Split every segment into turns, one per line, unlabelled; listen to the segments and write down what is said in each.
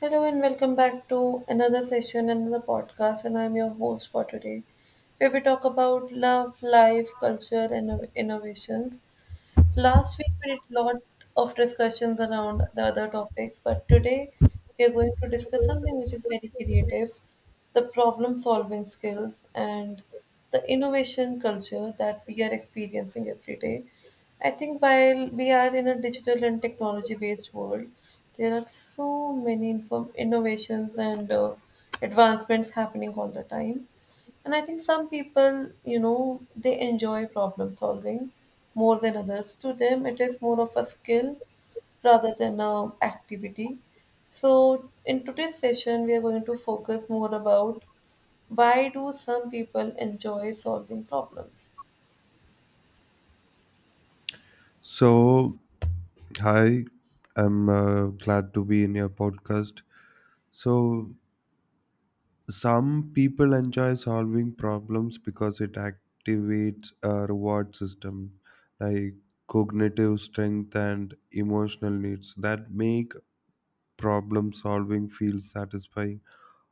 Hello and welcome back to another session, another podcast, and I'm your host for today, where we talk about love, life, culture, and innovations. Last week we did a lot of discussions around the other topics, but today we are going to discuss something which is very creative, the problem solving skills and the innovation culture that we are experiencing every day. I think while we are in a digital and technology based world, there are so many innovations and advancements happening all the time. And I think some people, they enjoy problem solving more than others. To them, it is more of a skill rather than a activity. So, in today's session, we are going to focus more about why do some people enjoy solving problems.
So, hi, I'm glad to be in your podcast. So, some people enjoy solving problems because it activates a reward system like cognitive strength and emotional needs that make problem solving feel satisfying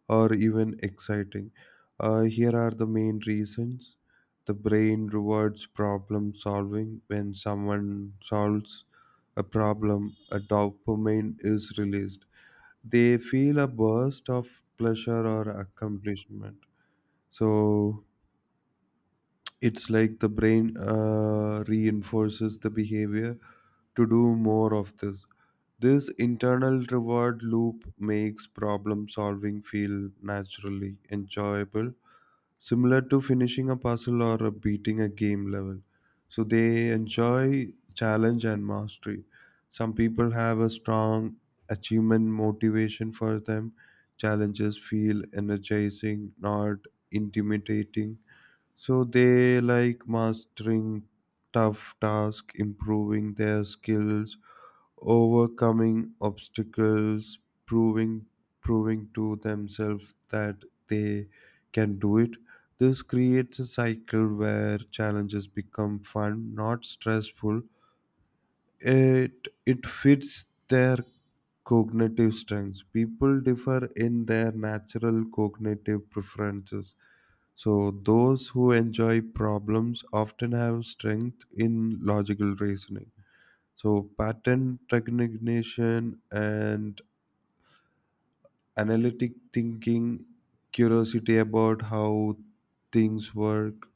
or even exciting. Here are the main reasons the brain rewards problem solving. When someone solves a problem, a dopamine is released. They feel a burst of pleasure or accomplishment. So it's like the brain reinforces the behavior to do more of this. This internal reward loop makes problem solving feel naturally enjoyable, similar to finishing a puzzle or beating a game level. So they enjoy challenge and mastery. Some people have a strong achievement motivation. For them, challenges feel energizing, not intimidating. So they like mastering tough tasks, improving their skills, overcoming obstacles, proving proving to themselves that they can do it. This creates a cycle where challenges become fun, not stressful. It fits their cognitive strengths. People differ in their natural cognitive preferences. So those who enjoy problems often have strength in logical reasoning, so pattern recognition and analytic thinking, curiosity about how things work.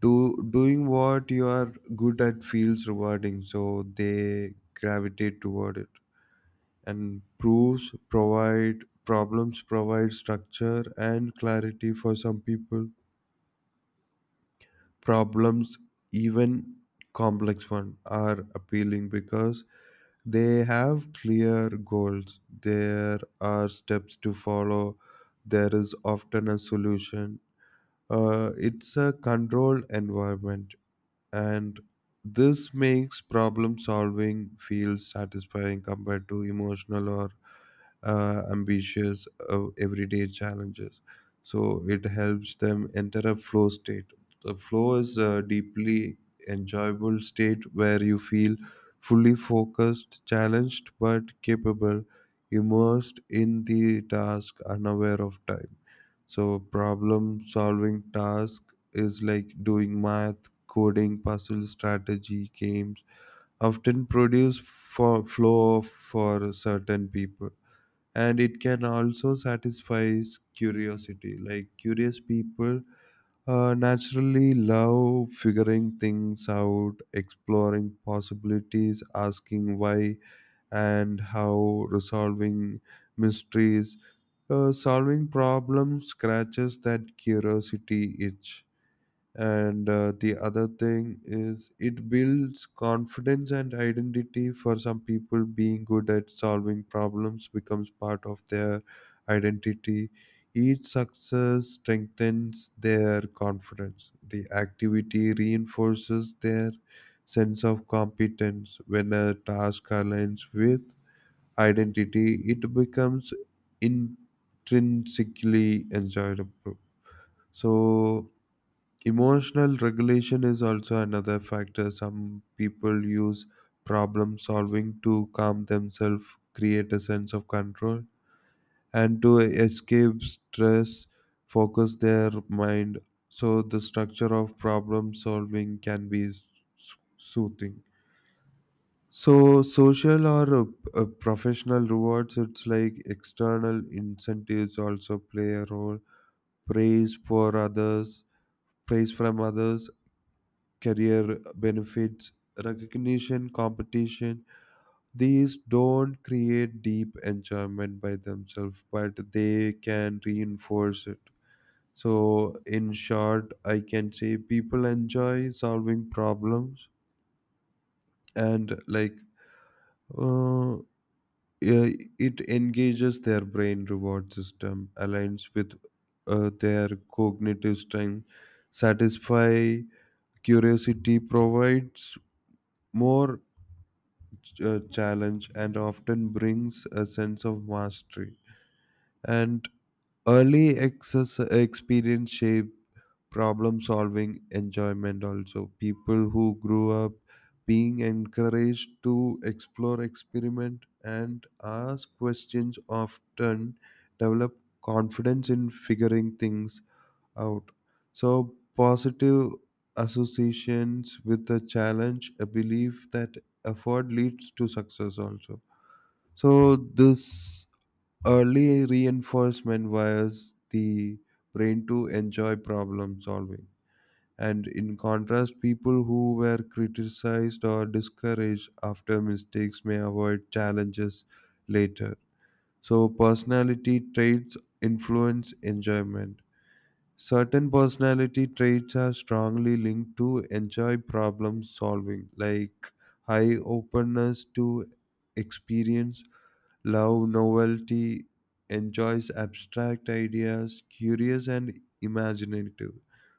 Doing what you are good at feels rewarding, so they gravitate toward it. And proofs provide problems provide structure and clarity for some people. Problems, even complex ones, are appealing because they have clear goals. There are steps to follow. There is often a solution. It's a controlled environment, and this makes problem solving feel satisfying compared to emotional or ambitious everyday challenges. So it helps them enter a flow state. The flow is a deeply enjoyable state where you feel fully focused, challenged but capable, immersed in the task, unaware of time. So problem solving task is like doing math, coding, puzzle, strategy games, often produce for flow for certain people, and it can also satisfy curiosity. Like, curious people naturally love figuring things out, exploring possibilities, asking why and how, resolving mysteries. Solving problems scratches that curiosity itch. And the other thing is it builds confidence and identity. For some people, being good at solving problems becomes part of their identity. Each success strengthens their confidence. The activity reinforces their sense of competence. When a task aligns with identity, it becomes intrinsically enjoyable. So emotional regulation is also another factor. Some people use problem solving to calm themselves, create a sense of control, and to escape stress, focus their mind. So, the structure of problem solving can be soothing. So, social or professional rewards, it's like external incentives, also play a role. Praise for others, praise from others, career benefits, recognition, competition. These don't create deep enjoyment by themselves, but they can reinforce it. So, in short, I can say people enjoy solving problems, and uh, yeah, it engages their brain reward system, aligns with their cognitive strength, satisfy curiosity, provides more challenge, and often brings a sense of mastery. And early excess experience shape problem solving enjoyment also. People who grew up being encouraged to explore, experiment, and ask questions often develop confidence in figuring things out. So, positive associations with the challenge, a belief that effort leads to success also, so this early reinforcement wires the brain to enjoy problem solving. And in contrast, people who were criticized or discouraged after mistakes may avoid challenges later. So personality traits influence enjoyment. Certain personality traits are strongly linked to enjoy problem solving, like high openness to experience, love novelty, enjoys abstract ideas, curious and imaginative.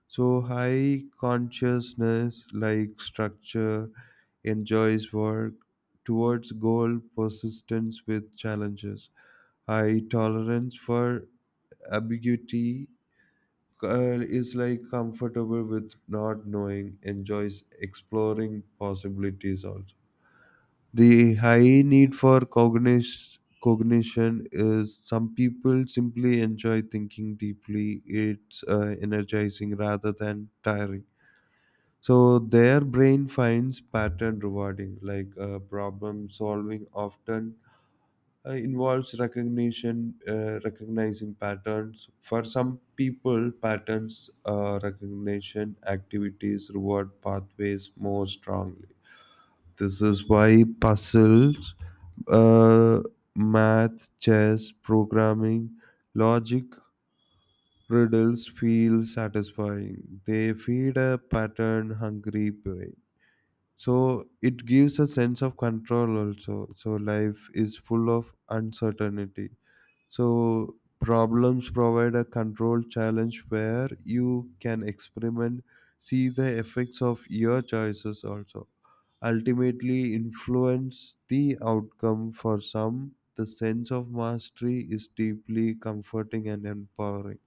So high consciousness, like structure, enjoys work towards goal, persistence with challenges. High tolerance for ambiguity is like comfortable with not knowing, enjoys exploring possibilities also. The high need for cognition, cognition is some people simply enjoy thinking deeply. It's energizing rather than tiring. So their brain finds pattern rewarding, like problem solving often involves recognition recognizing patterns. For some people, patterns recognition activities reward pathways more strongly. This is why puzzles, uh, math, chess, programming, logic, riddles feel satisfying. They feed a pattern hungry brain. So it gives a sense of control also. So life is full of uncertainty. So problems provide a controlled challenge where you can experiment, see the effects of your choices, also ultimately influence the outcome. For some, the sense of mastery is deeply comforting and empowering.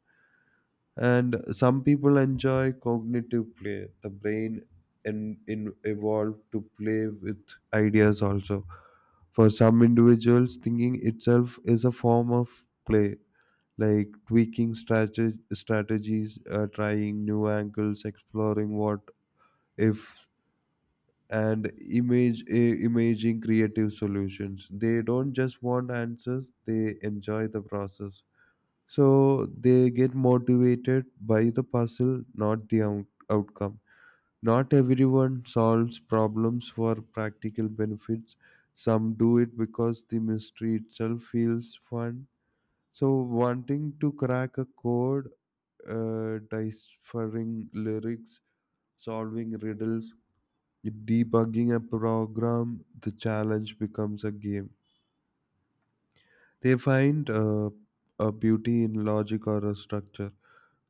And some people enjoy cognitive play. The brain in evolved to play with ideas also. For some individuals, thinking itself is a form of play, like tweaking strategies, trying new angles, exploring what if, and imaging creative solutions. They don't just want answers, they enjoy the process. So they get motivated by the puzzle, not the outcome. Not everyone solves problems for practical benefits. Some do it because the mystery itself feels fun. So wanting to crack a code, deciphering lyrics, solving riddles, debugging a program, the challenge becomes a game. They find a beauty in logic or a structure.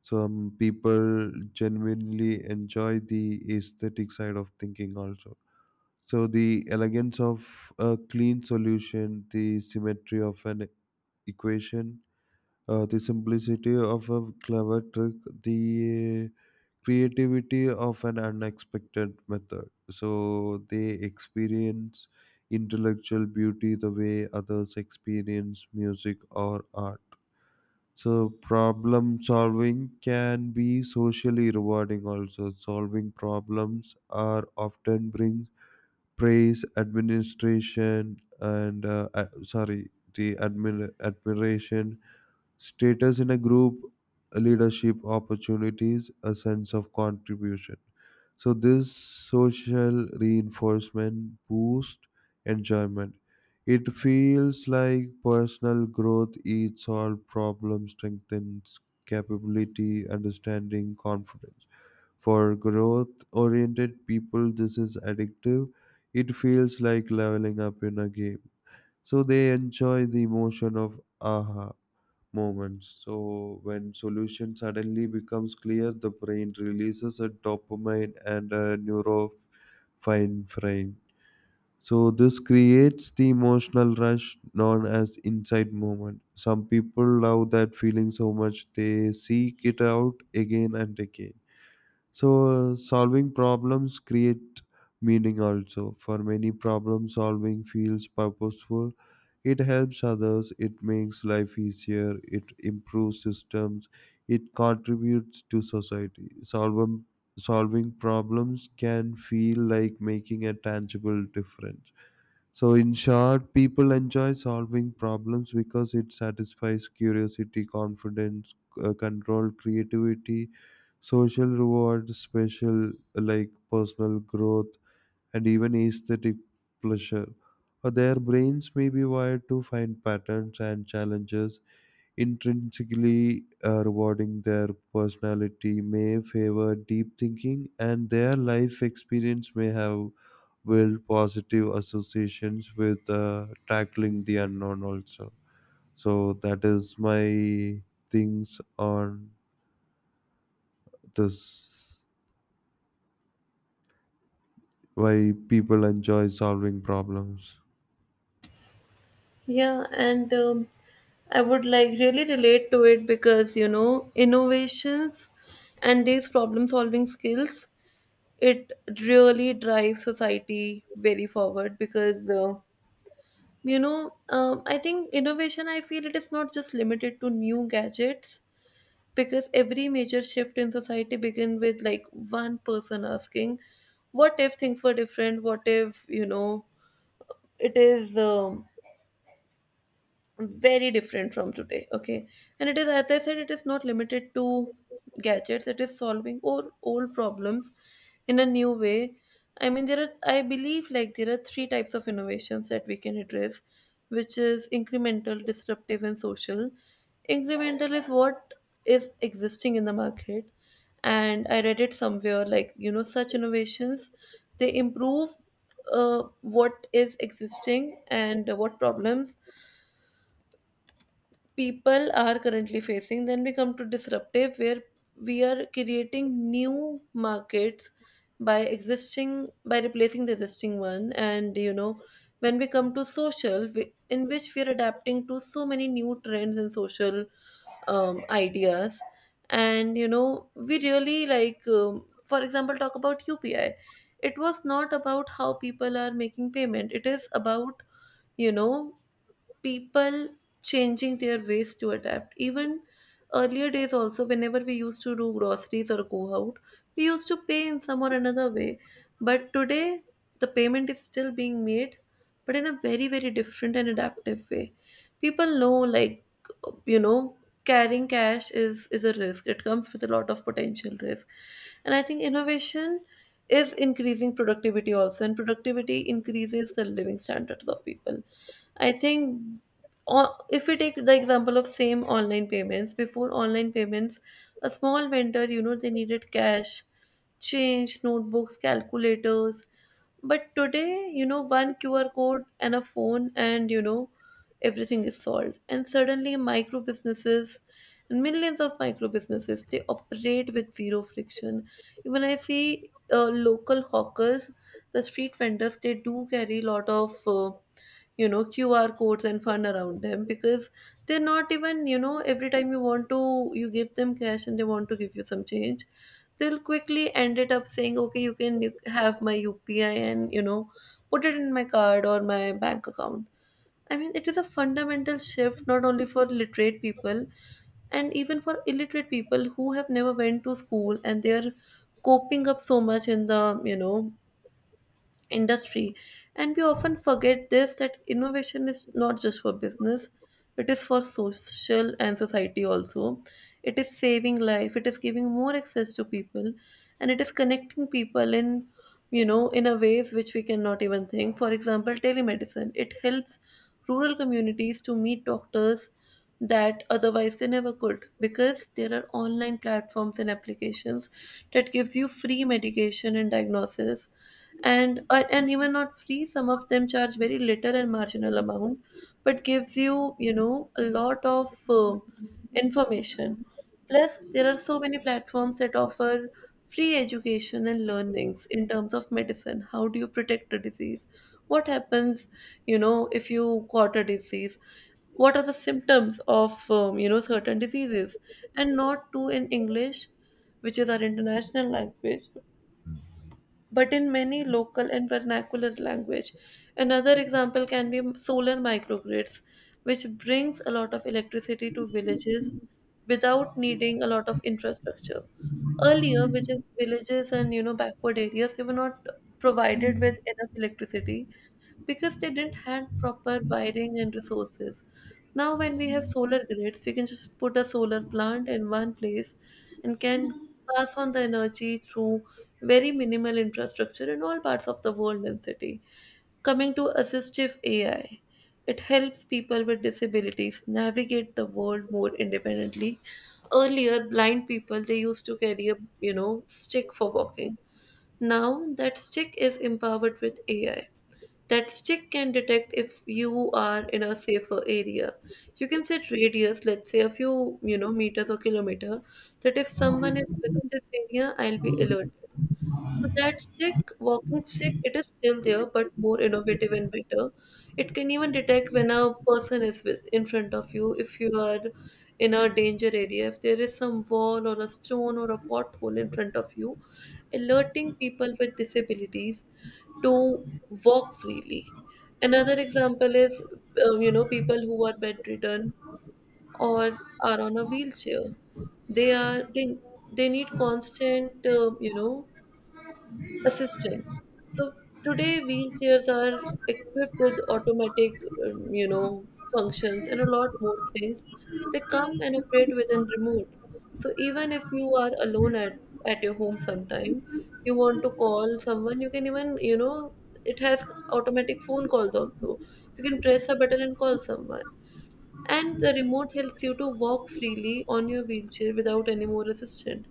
Some people genuinely enjoy the aesthetic side of thinking also. So the elegance of a clean solution, the symmetry of an equation, the simplicity of a clever trick, the creativity of an unexpected method. So they experience intellectual beauty the way others experience music or art. So problem solving can be socially rewarding also. Solving problems are often brings praise, administration, and sorry, the admiration. Status in a group, leadership opportunities, a sense of contribution. So this social reinforcement boosts enjoyment. It feels like personal growth eats solves problems, strengthens capability, understanding, confidence. For growth oriented people, this is addictive. It feels like leveling up in a game. So they enjoy the emotion of aha moments. So, when solution suddenly becomes clear, the brain releases a dopamine and a norepinephrine. So, this creates the emotional rush known as inside moment. Some people love that feeling so much they seek it out again and again. So, solving problems create meaning also. For many, problem solving feels purposeful. It helps others, it makes life easier, it improves systems, it contributes to society. Solving problems can feel like making a tangible difference. So, in short, people enjoy solving problems because it satisfies curiosity, confidence, control, creativity, social rewards, special like personal growth, and even aesthetic pleasure. Or their brains may be wired to find patterns and challenges intrinsically rewarding. Their personality may favor deep thinking, and their life experience may have built positive associations with tackling the unknown also. So that is my things on this, why people enjoy solving problems.
Yeah, and I would like really relate to it because you know innovations and these problem solving skills it really drives society very forward because I think innovation I feel it is not just limited to new gadgets, because every major shift in society begin with like one person asking what if things were different, what if you know it is very different from today, okay. And it is, as I said, it is not limited to gadgets, it is solving or old problems in a new way. I mean there are, I believe, like there are three types of innovations that we can address, which is incremental, disruptive and social. Incremental is what is existing in the market, and I read it somewhere like, you know, such innovations they improve what is existing and what problems people are currently facing. Then we come to disruptive, where we are creating new markets by existing, by replacing the existing one. And you know, when we come to social, we- in which we are adapting to so many new trends and social ideas. And you know we really like for example talk about upi. It was not about how people are making payment, it is about you know people changing their ways to adapt. Even earlier days, also, whenever we used to do groceries or go out, we used to pay in some or another way. But today, the payment is still being made, but in a very, very different and adaptive way. People know, like, you know, carrying cash is a risk, it comes with a lot of potential risk. And I think innovation is increasing productivity also, and productivity increases the living standards of people. I think o- if we take the example of same online payments, before online payments, a small vendor, you know, they needed cash, change, notebooks, calculators. But today, you know, one QR code and a phone, and you know, everything is solved. And suddenly, micro businesses, millions of micro businesses they operate with zero friction. Even I see local hawkers, the street vendors, they do carry a lot of. You know QR codes and fun around them, because they're not even, you know, every time you want to, you give them cash and they want to give you some change, they'll quickly end it up saying okay you can, you have my upi, and you know put it in my card or my bank account. I mean it is a fundamental shift, not only for literate people and even for illiterate people who have never went to school, and they're coping up so much in the, you know, industry. And we often forget this, that innovation is not just for business, it is for social and society also. It is saving life, it is giving more access to people, and it is connecting people in, you know, in a ways which we cannot even think. For example, telemedicine, it helps rural communities to meet doctors that otherwise they never could, because there are online platforms and applications that gives you free medication and diagnosis. And and even not free, some of them charge very little and marginal amount but gives you, you know, a lot of information. Plus, there are so many platforms that offer free education and learnings in terms of medicine. How do you protect a disease? What happens, you know, if you got a disease? What are the symptoms of, you know, certain diseases? And not to in English, which is our international language, but in many local and vernacular language. Another example can be solar microgrids, which brings a lot of electricity to villages without needing a lot of infrastructure. Earlier, which is villages and you know backward areas, they were not provided with enough electricity, because they didn't have proper wiring and resources. Now, when we have solar grids, we can just put a solar plant in one place and can pass on the energy through very minimal infrastructure in all parts of the world and city. Coming to assistive AI, it helps people with disabilities navigate the world more independently. Earlier, blind people they used to carry a, you know, stick for walking. Now that stick is empowered with AI, that stick can detect if you are in a safer area. You can set radius, let's say a few, you know, meters or kilometer, that if someone is within this area, I'll be alerted. So that stick, walking stick, it is still there, but more innovative and better. It can even detect when a person is with, in front of you, if you are in a danger area, if there is some wall or a stone or a pothole in front of you, alerting people with disabilities to walk freely. Another example is, you know, people who are bedridden or are on a wheelchair. They are they need constant, you know, assistance. So today, wheelchairs are equipped with automatic, you know, functions and a lot more things. They come and operate within remote. So even if you are alone at your home sometime, you want to call someone, you can even, you know, it has automatic phone calls also. You can press a button and call someone. And the remote helps you to walk freely on your wheelchair without any more assistance.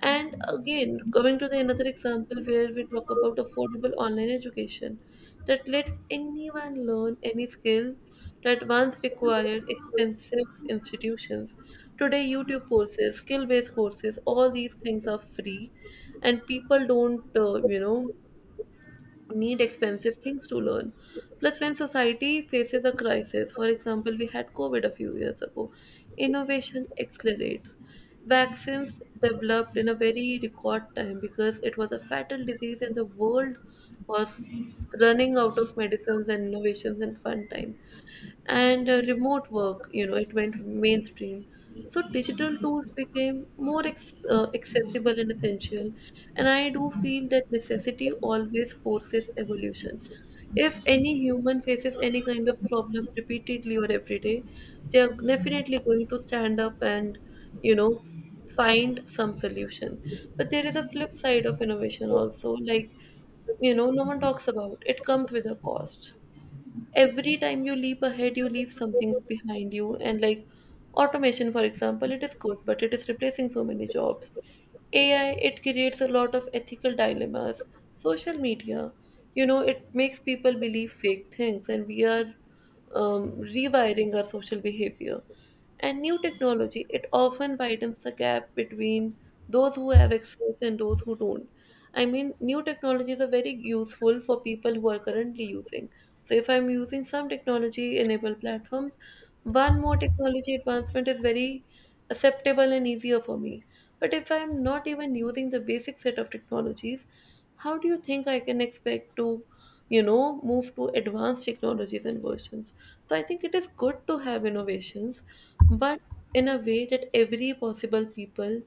And again, coming to the another example where we talk about affordable online education that lets anyone learn any skill that once required expensive institutions. Today, YouTube courses, skill-based courses, all these things are free, and people don't, you know, need expensive things to learn. Plus, when society faces a crisis, for example, we had COVID a few years ago, innovation accelerates. Vaccines developed in a very record time, because it was a fatal disease and the world was running out of medicines and innovations and fun time. And remote work, you know, it went mainstream, so digital tools became more accessible and essential. And I do feel that necessity always forces evolution. If any human faces any kind of problem repeatedly or every day, they are definitely going to stand up and, you know, find some solution. But there is a flip side of innovation also, like, you know, no one talks about it, comes with a cost. Every time you leap ahead you leave something behind you, and like automation for example, it is good but it is replacing so many jobs. AI, it creates a lot of ethical dilemmas. Social media, you know, it makes people believe fake things, and we are rewiring our social behavior. And new technology, it often widens the gap between those who have access and those who don't. I mean, new technologies are very useful for people who are currently using. So if I'm using some technology enabled platforms, one more technology advancement is very acceptable and easier for me. But if I'm not even using the basic set of technologies, how do you think I can expect to, you know, move to advanced technologies and versions. So I think it is good to have innovations, but in a way that every possible people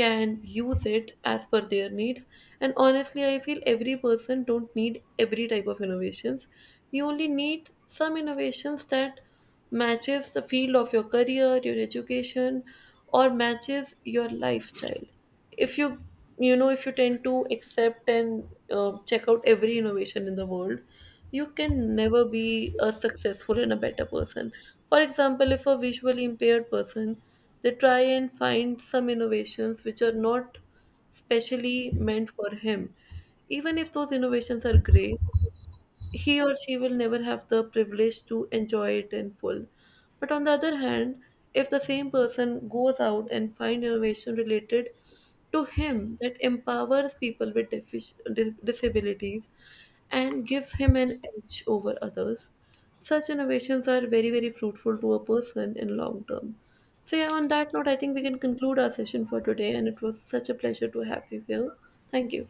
can use it as per their needs. And honestly I feel every person don't need every type of innovations. You only need some innovations that matches the field of your career, your education, or matches your lifestyle. If you, you know, if you tend to accept and check out every innovation in the world, you can never be a successful and a better person. For example, if a visually impaired person, they try and find some innovations which are not specially meant for him, even if those innovations are great, he or she will never have the privilege to enjoy it in full. But on the other hand, if the same person goes out and find innovation related to him that empowers people with disabilities and gives him an edge over others, such innovations are very very fruitful to a person in long term. So yeah, on that note, I think we can conclude our session for today, and it was such a pleasure to have you here. Thank you.